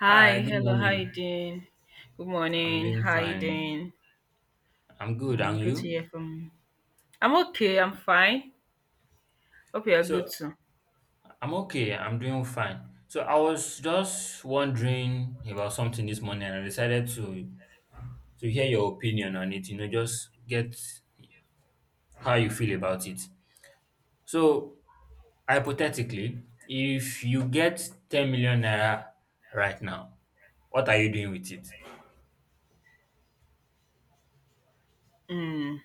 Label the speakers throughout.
Speaker 1: Hi, good
Speaker 2: hello, how you
Speaker 1: morning.
Speaker 2: doing? Good
Speaker 1: I'm
Speaker 2: morning,
Speaker 1: doing
Speaker 2: how you
Speaker 1: fine.
Speaker 2: doing?
Speaker 1: I'm good, and
Speaker 2: Good to
Speaker 1: you?
Speaker 2: hear from you. I'm okay, I'm fine. Hope you're good
Speaker 1: So,
Speaker 2: too.
Speaker 1: I'm okay. I'm doing fine. So, I was just wondering about something this morning, and I decided to hear your opinion on it, just get how you feel about it. So, hypothetically, if you get 10 million naira right now, what are you doing with it?
Speaker 2: Mm,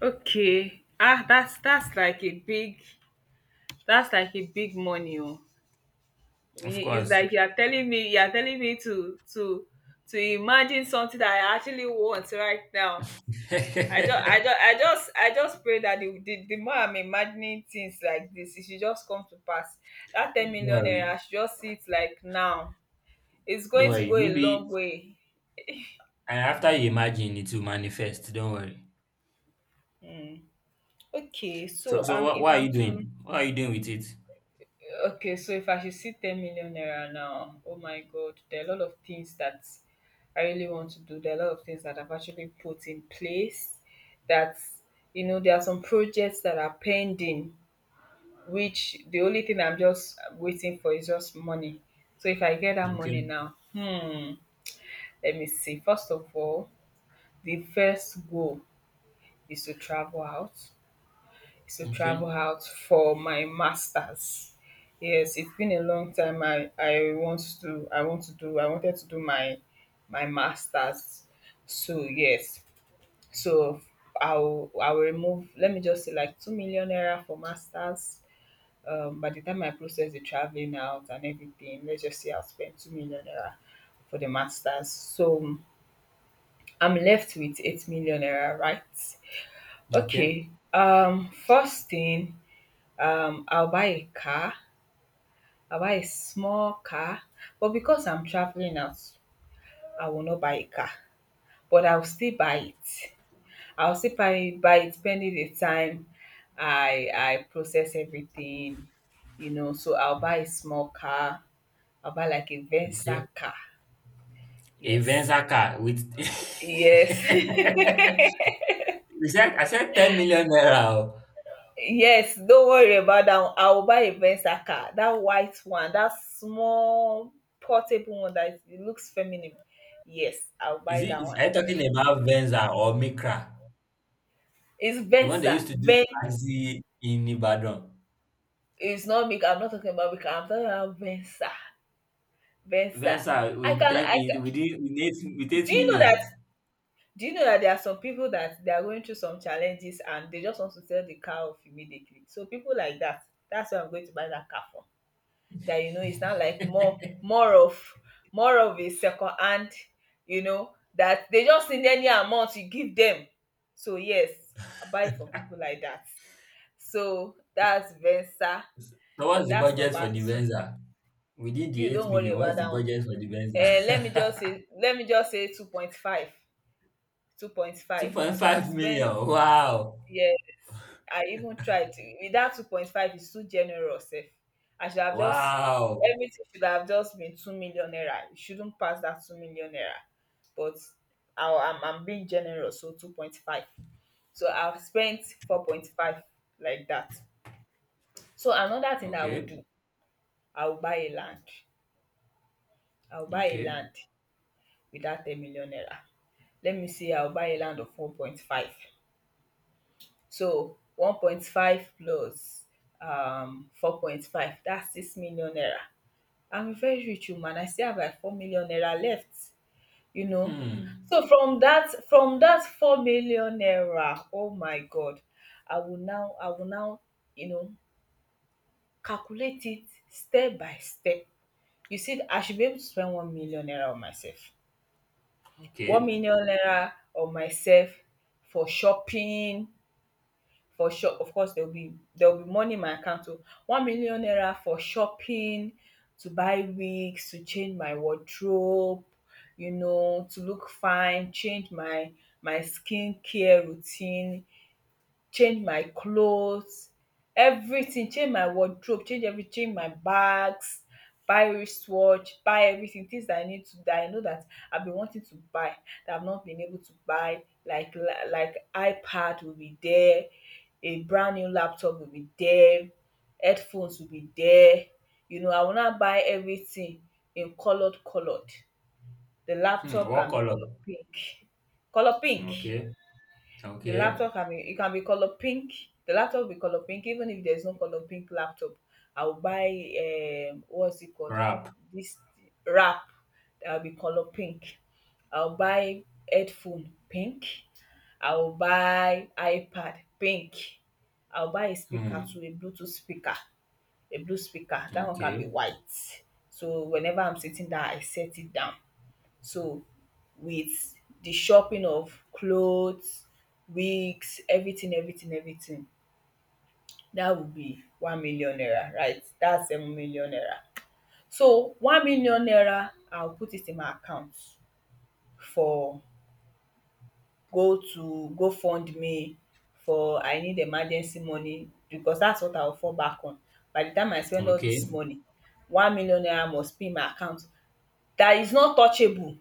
Speaker 2: okay. That's like a big money. Oh.
Speaker 1: Of
Speaker 2: It's
Speaker 1: course.
Speaker 2: like you're telling me to imagine something that I actually want right now. I just, I
Speaker 1: Don't
Speaker 2: just, I just, I just pray that the more I'm imagining things like this, it should just come to pass. That 10 million naira, I
Speaker 1: worry.
Speaker 2: should just see it like now. It's
Speaker 1: Don't
Speaker 2: going to
Speaker 1: worry.
Speaker 2: go a
Speaker 1: Maybe
Speaker 2: long way.
Speaker 1: and after you imagine it will manifest, don't worry.
Speaker 2: Hmm. Okay,
Speaker 1: So
Speaker 2: so
Speaker 1: so
Speaker 2: um,
Speaker 1: what
Speaker 2: if
Speaker 1: what are
Speaker 2: I'm
Speaker 1: you
Speaker 2: to,
Speaker 1: doing? What are you doing with it?
Speaker 2: okay, so if I should see 10 million naira now, oh my God, there are a lot of things that I really want to do. There are a lot of things that I've actually put in place. That, there are some projects that are pending which the only thing I'm just waiting for is just money. So if I get that money
Speaker 1: Okay,
Speaker 2: now, let me see. First of all, the first goal is to travel out,
Speaker 1: okay,
Speaker 2: for my masters. Yes, it's been a long time. I wanted to do my masters. So yes, so I'll remove. Let me just say like 2 million naira for masters, by the time I process the traveling out and everything, let's just say I'll spend 2 million naira for the masters. So I'm left with 8 million naira, right?
Speaker 1: okay,
Speaker 2: Okay. First thing, I'll buy a car. I'll buy a small car, but because I'm traveling out, I will not buy a car, but I'll still buy it. I'll still buy it pending the time I process everything. So I'll buy a small car, about like a
Speaker 1: okay.
Speaker 2: Venza car.
Speaker 1: A
Speaker 2: Yes.
Speaker 1: Venza car with
Speaker 2: Yes.
Speaker 1: you said I said 10 million naira. Oh.
Speaker 2: Yes. Don't worry about that one. I will buy a Venza car. That white one, that small portable one that it looks feminine. Yes, I'll buy that one.
Speaker 1: Are you talking about Venza or Micra?
Speaker 2: It's
Speaker 1: The one they used
Speaker 2: Venza.
Speaker 1: to do
Speaker 2: Ven
Speaker 1: taxi in Ibadan.
Speaker 2: It's not big. I'm not talking about Mika. I'm talking about Venza. Venza.
Speaker 1: Venza with ten
Speaker 2: I can
Speaker 1: with it- with eight with
Speaker 2: do
Speaker 1: eight
Speaker 2: you know
Speaker 1: million.
Speaker 2: that do you know that there are some people that they are going through some challenges and they just want to sell the car off immediately. So people like that, that's why I'm going to buy that car for, that it's not like more of a second hand, you know that they just need any amount you give them. So yes, I buy from people like that. So that's Venza.
Speaker 1: So what's the
Speaker 2: That's
Speaker 1: budget
Speaker 2: number
Speaker 1: for the
Speaker 2: two.
Speaker 1: Venza? Within
Speaker 2: You
Speaker 1: the eight
Speaker 2: don't worry
Speaker 1: million,
Speaker 2: about
Speaker 1: what's the
Speaker 2: that one.
Speaker 1: budget for the
Speaker 2: Let me just
Speaker 1: Venza?
Speaker 2: say, two point five.
Speaker 1: Two point
Speaker 2: So I've
Speaker 1: five
Speaker 2: spent.
Speaker 1: million. Wow.
Speaker 2: Yeah. I even tried to, with that 2.5 is too generous sef. I should have just
Speaker 1: Wow.
Speaker 2: Everything should have just been 2 million naira. It shouldn't pass that 2 million naira. But I'm being generous, so 2.5. So I've spent 4.5 like that. So another thing I would
Speaker 1: Okay,
Speaker 2: do, I will buy a land. I will buy a
Speaker 1: okay.
Speaker 2: land with that 10 million naira. Let me see, I will buy a land of 1.5. So 1.5 plus 4.5, that's 6 million naira. I'm a very rich woman. I still have like 4 million naira left, you know.
Speaker 1: Hmm.
Speaker 2: So from that 4 million naira, oh my God, I will now you know, calculate it step by step. You see, I should be able to spend 1 million naira on myself. One
Speaker 1: Okay.
Speaker 2: million naira on myself for shopping. For shop of course there will be money in my account o. 1 million naira for shopping, to buy wigs, to change my wardrobe, to look fine, change my skincare routine, change my clothes, everything. Change my wardrobe, change my bags, buy wristwatch, buy everything. Things that I need to, that I know that I've been wanting to buy, that I've not been able to buy, like like iPad will be there, a brand new laptop will be there, headphones will be there. You know, I will now buy everything in colored. The
Speaker 1: Hmm.
Speaker 2: laptop
Speaker 1: What
Speaker 2: can be
Speaker 1: color?
Speaker 2: color pink. Color pink.
Speaker 1: Okay.
Speaker 2: The
Speaker 1: Okay.
Speaker 2: laptop can be, it can be colour pink. The laptop will be colour pink, even if there's no colour pink laptop. I will buy, what's it called,
Speaker 1: Wrap.
Speaker 2: this wrap, that will be colour pink. I will buy headphone pink, I will buy iPad pink. I will buy a speaker too,
Speaker 1: Hmm.
Speaker 2: a bluetooth speaker, a blue speaker, that one can be
Speaker 1: Okay.
Speaker 2: white, so whenever I'm sitting down I set it down. So with the shopping of clothes, wigs, everything, that would be 1 million naira, right? That's 7 million naira. So 1 million naira I will put it in my account for, go to gofundme for I need emergency money, because that's what I will fall back on. By the time I spend all this
Speaker 1: Okay.
Speaker 2: money, 1 million naira must be in my account, that is not touchable,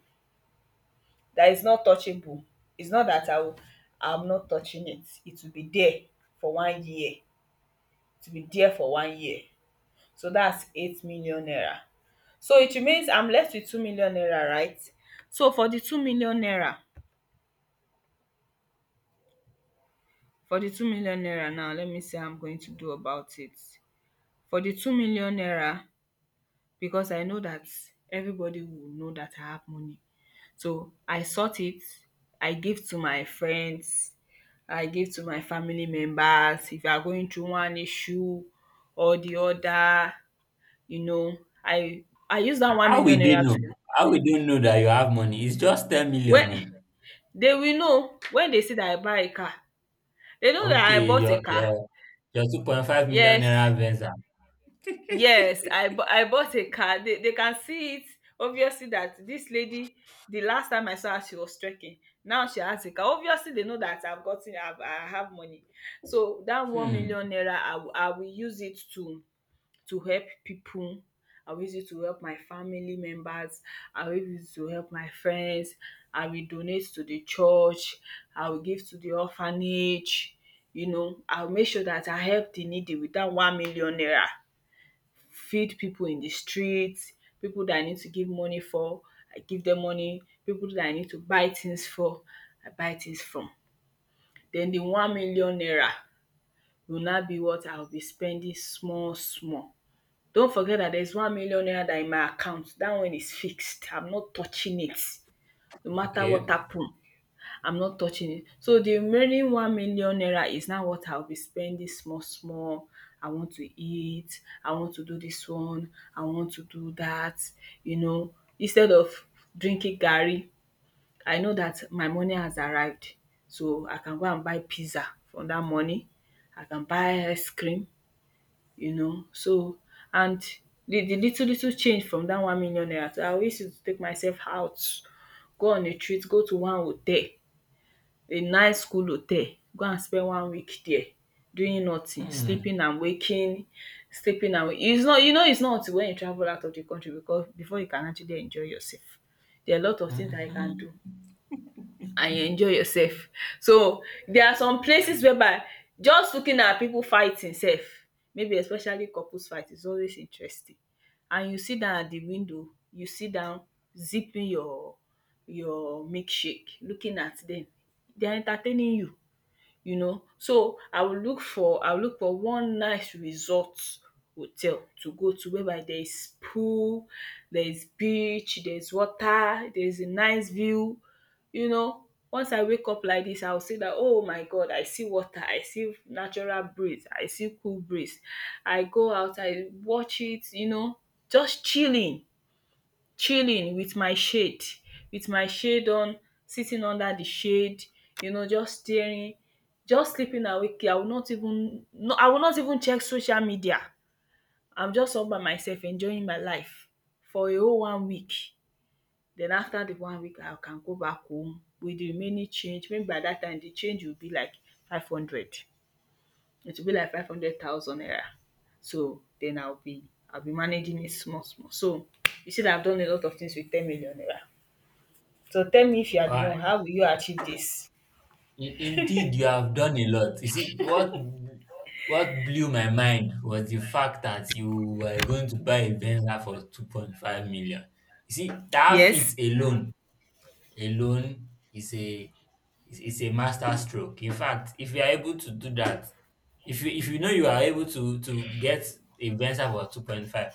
Speaker 2: that is not touchable. It's not that I'm not touching it, it will be there for 1 year, it will be there for 1 year. So that's 8 million naira. So it remains, I'm left with 2 million naira, right? So for the 2 million naira now let me see how I'm going to do about it. For the 2 million naira, because I know that everybody will know that I have money. So I sort it, I give to my friends, I give to my family members. If you are going through one issue or the other, you know I I use that one
Speaker 1: How
Speaker 2: million
Speaker 1: will they
Speaker 2: naira to,
Speaker 1: know? How will they know that you have money? It's just 10
Speaker 2: when
Speaker 1: million. No?
Speaker 2: they will know, when they see that I buy a car. They know that I
Speaker 1: Okay,
Speaker 2: bought a
Speaker 1: your
Speaker 2: car.
Speaker 1: your your 2.5 million
Speaker 2: Yes.
Speaker 1: naira Venza.
Speaker 2: Yes, I bought a car. They can see it obviously, that this lady, the last time I saw her, she was trekking. Now she has a car. Obviously, they know that I've gotten I've I have money. So that one
Speaker 1: Hmm.
Speaker 2: million naira, I will use it to help people. I will use it to help my family members. I will use it to help my friends. I will donate to the church. I will give to the orphanage. You know, I will make sure that I help the needy with that 1 million naira. Feed people in the street, people that I need to give money for, I give dem money, people that I need to buy things for, I buy things from. Den the 1 million naira go now be what I go be spending small small. Don't forget dat there is 1 million naira dat in my account, dat one is fixed, I'm not touching it no matter what
Speaker 1: Okay.
Speaker 2: happen. I'm not touching it. So the remaining 1 million naira is now what I'll be spending small small. I want to eat, I want to do this one, I want to do that, instead of drinking garri, I know that my money has arrived. So I can go and buy pizza from that money. I can buy ice cream. So and the little little change from that 1 million naira, so I always used to take myself out, go on a treat, go to one hotel a nice cool hotel, go and spend 1 week there doing nothing,
Speaker 1: Hmm.
Speaker 2: sleeping and waking, sleeping and wak is not until when you travel out of the country, because before you can actually enjoy yourself, there are a lot of things
Speaker 1: Hmm,
Speaker 2: that you can do,
Speaker 1: hmm.
Speaker 2: and you enjoy yourself. So there are some places whereby just looking at people fighting sef, maybe especially couples fight is always interesting, and you sit down at the window, you sit down zipping your milkshake, looking at them. They are entertaining you you know. So I will look for one nice resort hotel to go to, whereby there is pool, there is beach, there is water, there is a nice view, you know. Once I wake up like this, I will say that oh my God, I see water, I see natural breeze, I see cool breeze. I go out, I watch it, just chilling. Chilling with my shade, with my shade on, sitting under the shade, just staring, just sleeping awake. I will not even, no, I will not even check social media. I'm just all by myself enjoying my life for a whole 1 week. Then after the 1 week, I can go back home with the remaining change. Maybe by that time the change will be like five hundred it will be like 500,000 naira. So then I will be managing it small small. So you see that I've done a lot of things with 10 million naira. So tell me, if you are the
Speaker 1: Uh,
Speaker 2: one, how will you achieve this?
Speaker 1: Indeed, you have done a lot. You see, what blew my mind was the fact that you were going to buy a Venza for 2.5 million. You see, that fit
Speaker 2: Yes,
Speaker 1: alone is a master stroke. In fact, if you are able to do that, if you know you are able to get a Venza for 2.5,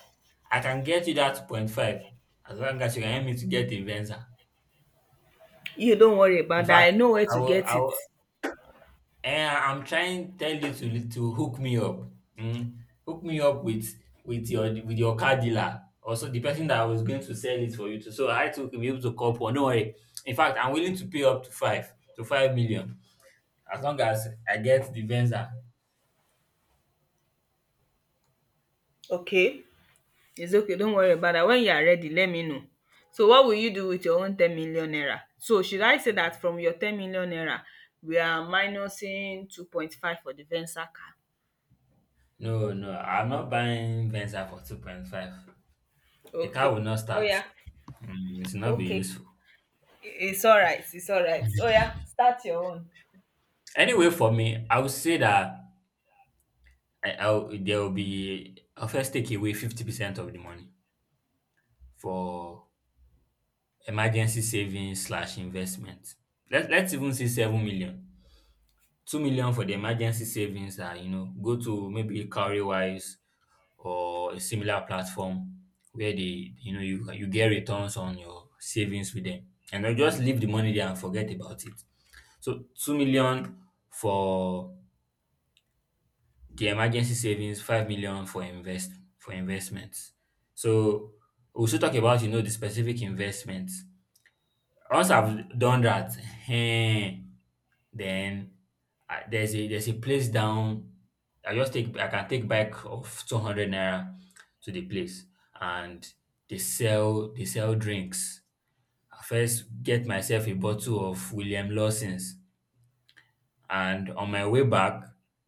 Speaker 1: I can get you that 2.5 as long as you can help me to get a Venza.
Speaker 2: you don't worry
Speaker 1: In
Speaker 2: about that. I
Speaker 1: fact,
Speaker 2: know where
Speaker 1: I
Speaker 2: to
Speaker 1: will I
Speaker 2: get it.
Speaker 1: will I'm trying to tell you to hook me up. Mm. Hook me up with your car dealer. Also the person that I was going to sell it for you to. So I too will be able to call for no worry. In fact, I'm willing to pay up to five million as long as I get the Venza.
Speaker 2: Okay. It's okay, don't worry about that. When you are ready, let me know. So what will you do with your own 10 million naira? So should I say that from your 10 million naira, we are minusing 2.5 for the Venza car?
Speaker 1: No, no, I'm not buying Venza for 2.5. The car
Speaker 2: Okay.
Speaker 1: will not start.
Speaker 2: Oya.
Speaker 1: It will not be
Speaker 2: Okay.
Speaker 1: useful.
Speaker 2: I- It's all right. It's all right. Oh yeah, start your own.
Speaker 1: Anyway, for me, I would say that I there will be I'll first take away 50% of the money for emergency savings slash investment. Let's even say 7 million. 2 million for the emergency savings are go to maybe cowrywise or a similar platform where they you get returns on your savings with them, and then just leave the money there and forget about it. So 2 million for the emergency savings, 5 million for investments. So we should talk about the specific investments once I've done that. Eh, Then I, there's a there's a place down. I can take bike of 200 naira to the place, and they sell drinks. I first get myself a bottle of William Lawson's, and on my way back,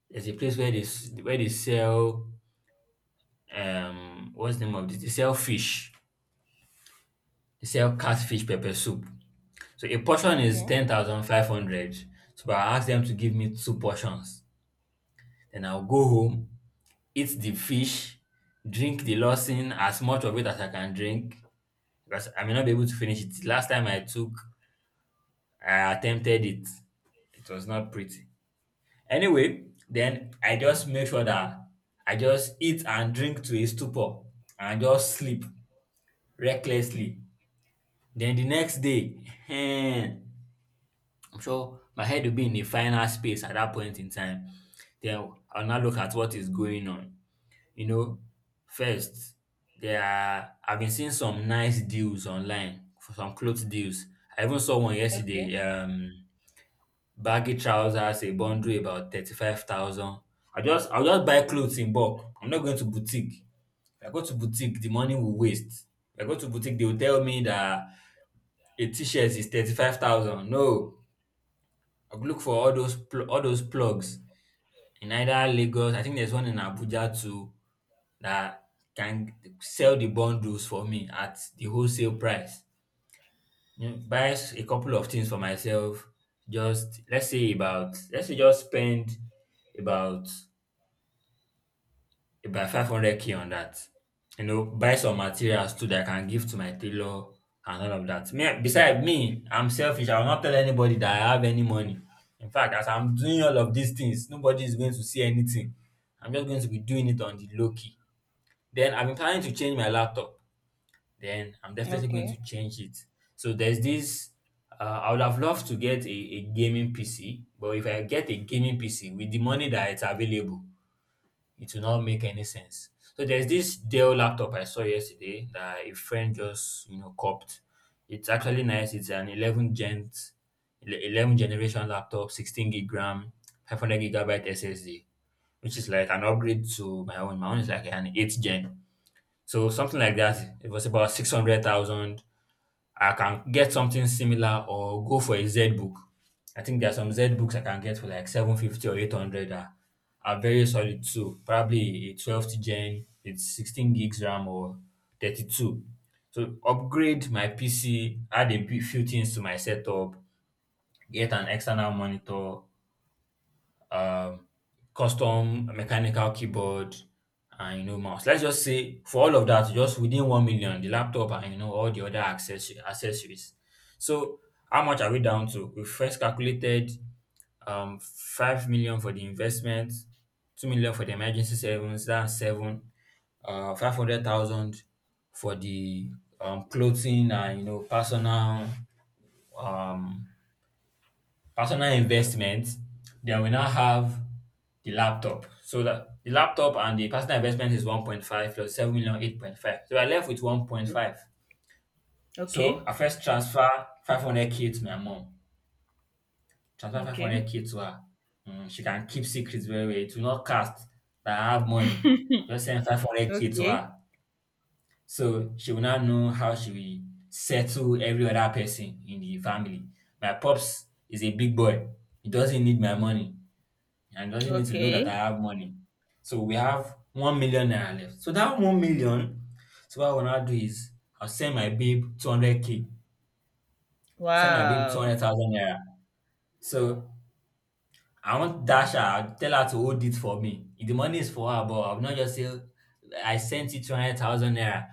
Speaker 1: there's a place where they sell, what's the name of this? They sell fish. They sell catfish pepper soup. So a portion is
Speaker 2: Okay.
Speaker 1: 10,500. So I ask them to give me two portions. Then I'll go home, eat the fish, drink the Lawson, as much of it as I can drink, because I may not be able to finish it. Last time I took, I attempted it. It was not pretty. Anyway, then I just make sure that I just eat and drink to a stupor and just sleep recklessly. Then the next day, I'm sure my head will be in the final space at that point in time. Then I'll now look at what is going on. You know, First, I've been seeing some nice deals online for some clothes deals. I even saw one
Speaker 2: Okay.
Speaker 1: yesterday, baggy trousers, a bundle about 35,000. I'll just buy clothes in bulk. I'm not going to boutique. If I go to boutique, the money will waste. If I go to boutique, they will tell me that a t-shirt is 35,000. No, I'll look for all those plugs in either Lagos, I think there's one in Abuja too, that can sell the bundles for me at the wholesale price. Buy a couple of things for myself. Just let's say about let's say just spend about about 500k on that. Buy some materials too that I can give to my tailor, and all of that. Beside me, I'm selfish. I will not tell anybody that I have any money. In fact, as I'm doing all of these things, nobody is going to see anything. I'm just going to be doing it on the low key. Then I've been planning to change my laptop. Then I'm definitely going
Speaker 2: Okay.
Speaker 1: to change it. So there's this. I would have loved to get a gaming PC, but if I get a gaming PC with the money that is available, it will not make any sense. So there's this Dell laptop I saw yesterday that a friend just copped. It's actually nice. It's an 11 generation laptop, 16 gig RAM, 500 gigabyte SSD, which is like an upgrade to my own. My own is like an 8th gen. So something like that. It was about 600,000. I can get something similar or go for a Z book. I think there are some Z books I can get for like 750 or 800 that are very solid too. Probably a 12th gen with 16 gigs RAM or 32. So upgrade my PC, add few things to my setup, get an external monitor, um, custom mechanical keyboard, and mouse. Let's just say for all of that, just within 1 million, the laptop and all the other accessories. So how much are we down to? We first calculated 5 million for the investment, 2 million for the emergency savings, that's seven, 500,000 for the clothing and personal um investment, then we now have the laptop. So that the laptop and the personal investment is 1.5 plus seven million 8.5. So we're left with 1.5. So
Speaker 2: Okay.
Speaker 1: I first transfer 500k to my mom. Transfer
Speaker 2: Okay.
Speaker 1: 500k to her. She can keep secrets very well. It will not cast that I have money. Just send 500k to
Speaker 2: Okay.
Speaker 1: her. So she will now know how she will settle every other person in the family. My pops is a big boy. He doesn't need my money, and doesn't need to know that I
Speaker 2: Okay.
Speaker 1: have money. So we have 1 million naira left. So that 1 million, so what I wanna do is I'll send my babe 200k, send my babe two
Speaker 2: Wow.
Speaker 1: hundred thousand naira. So I want not dash her, I'll tell her to hold it for me. If the money is for her, but I'll not just say I sent you 200,000 naira.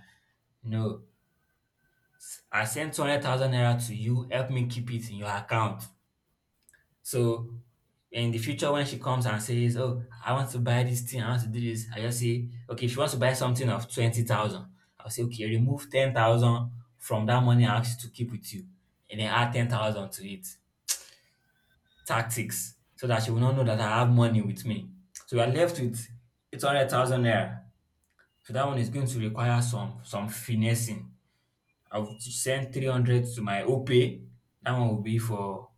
Speaker 1: No, I sent 200,000 naira to you. Help me keep it in your account. So in the future, when she comes and says, "Oh, I want to buy this thing, I want to do this," I just say, "Okay." If she wants to buy something of 20,000, I'll say, "Okay, remove 10,000 from that money I asked you to keep with you, and then add 10,000 to it." Tactics so that she will not know that I have money with me. So we are left with 800,000 naira. So that one is going to require some finessing. I've sent 300 to my OPay. That one will be for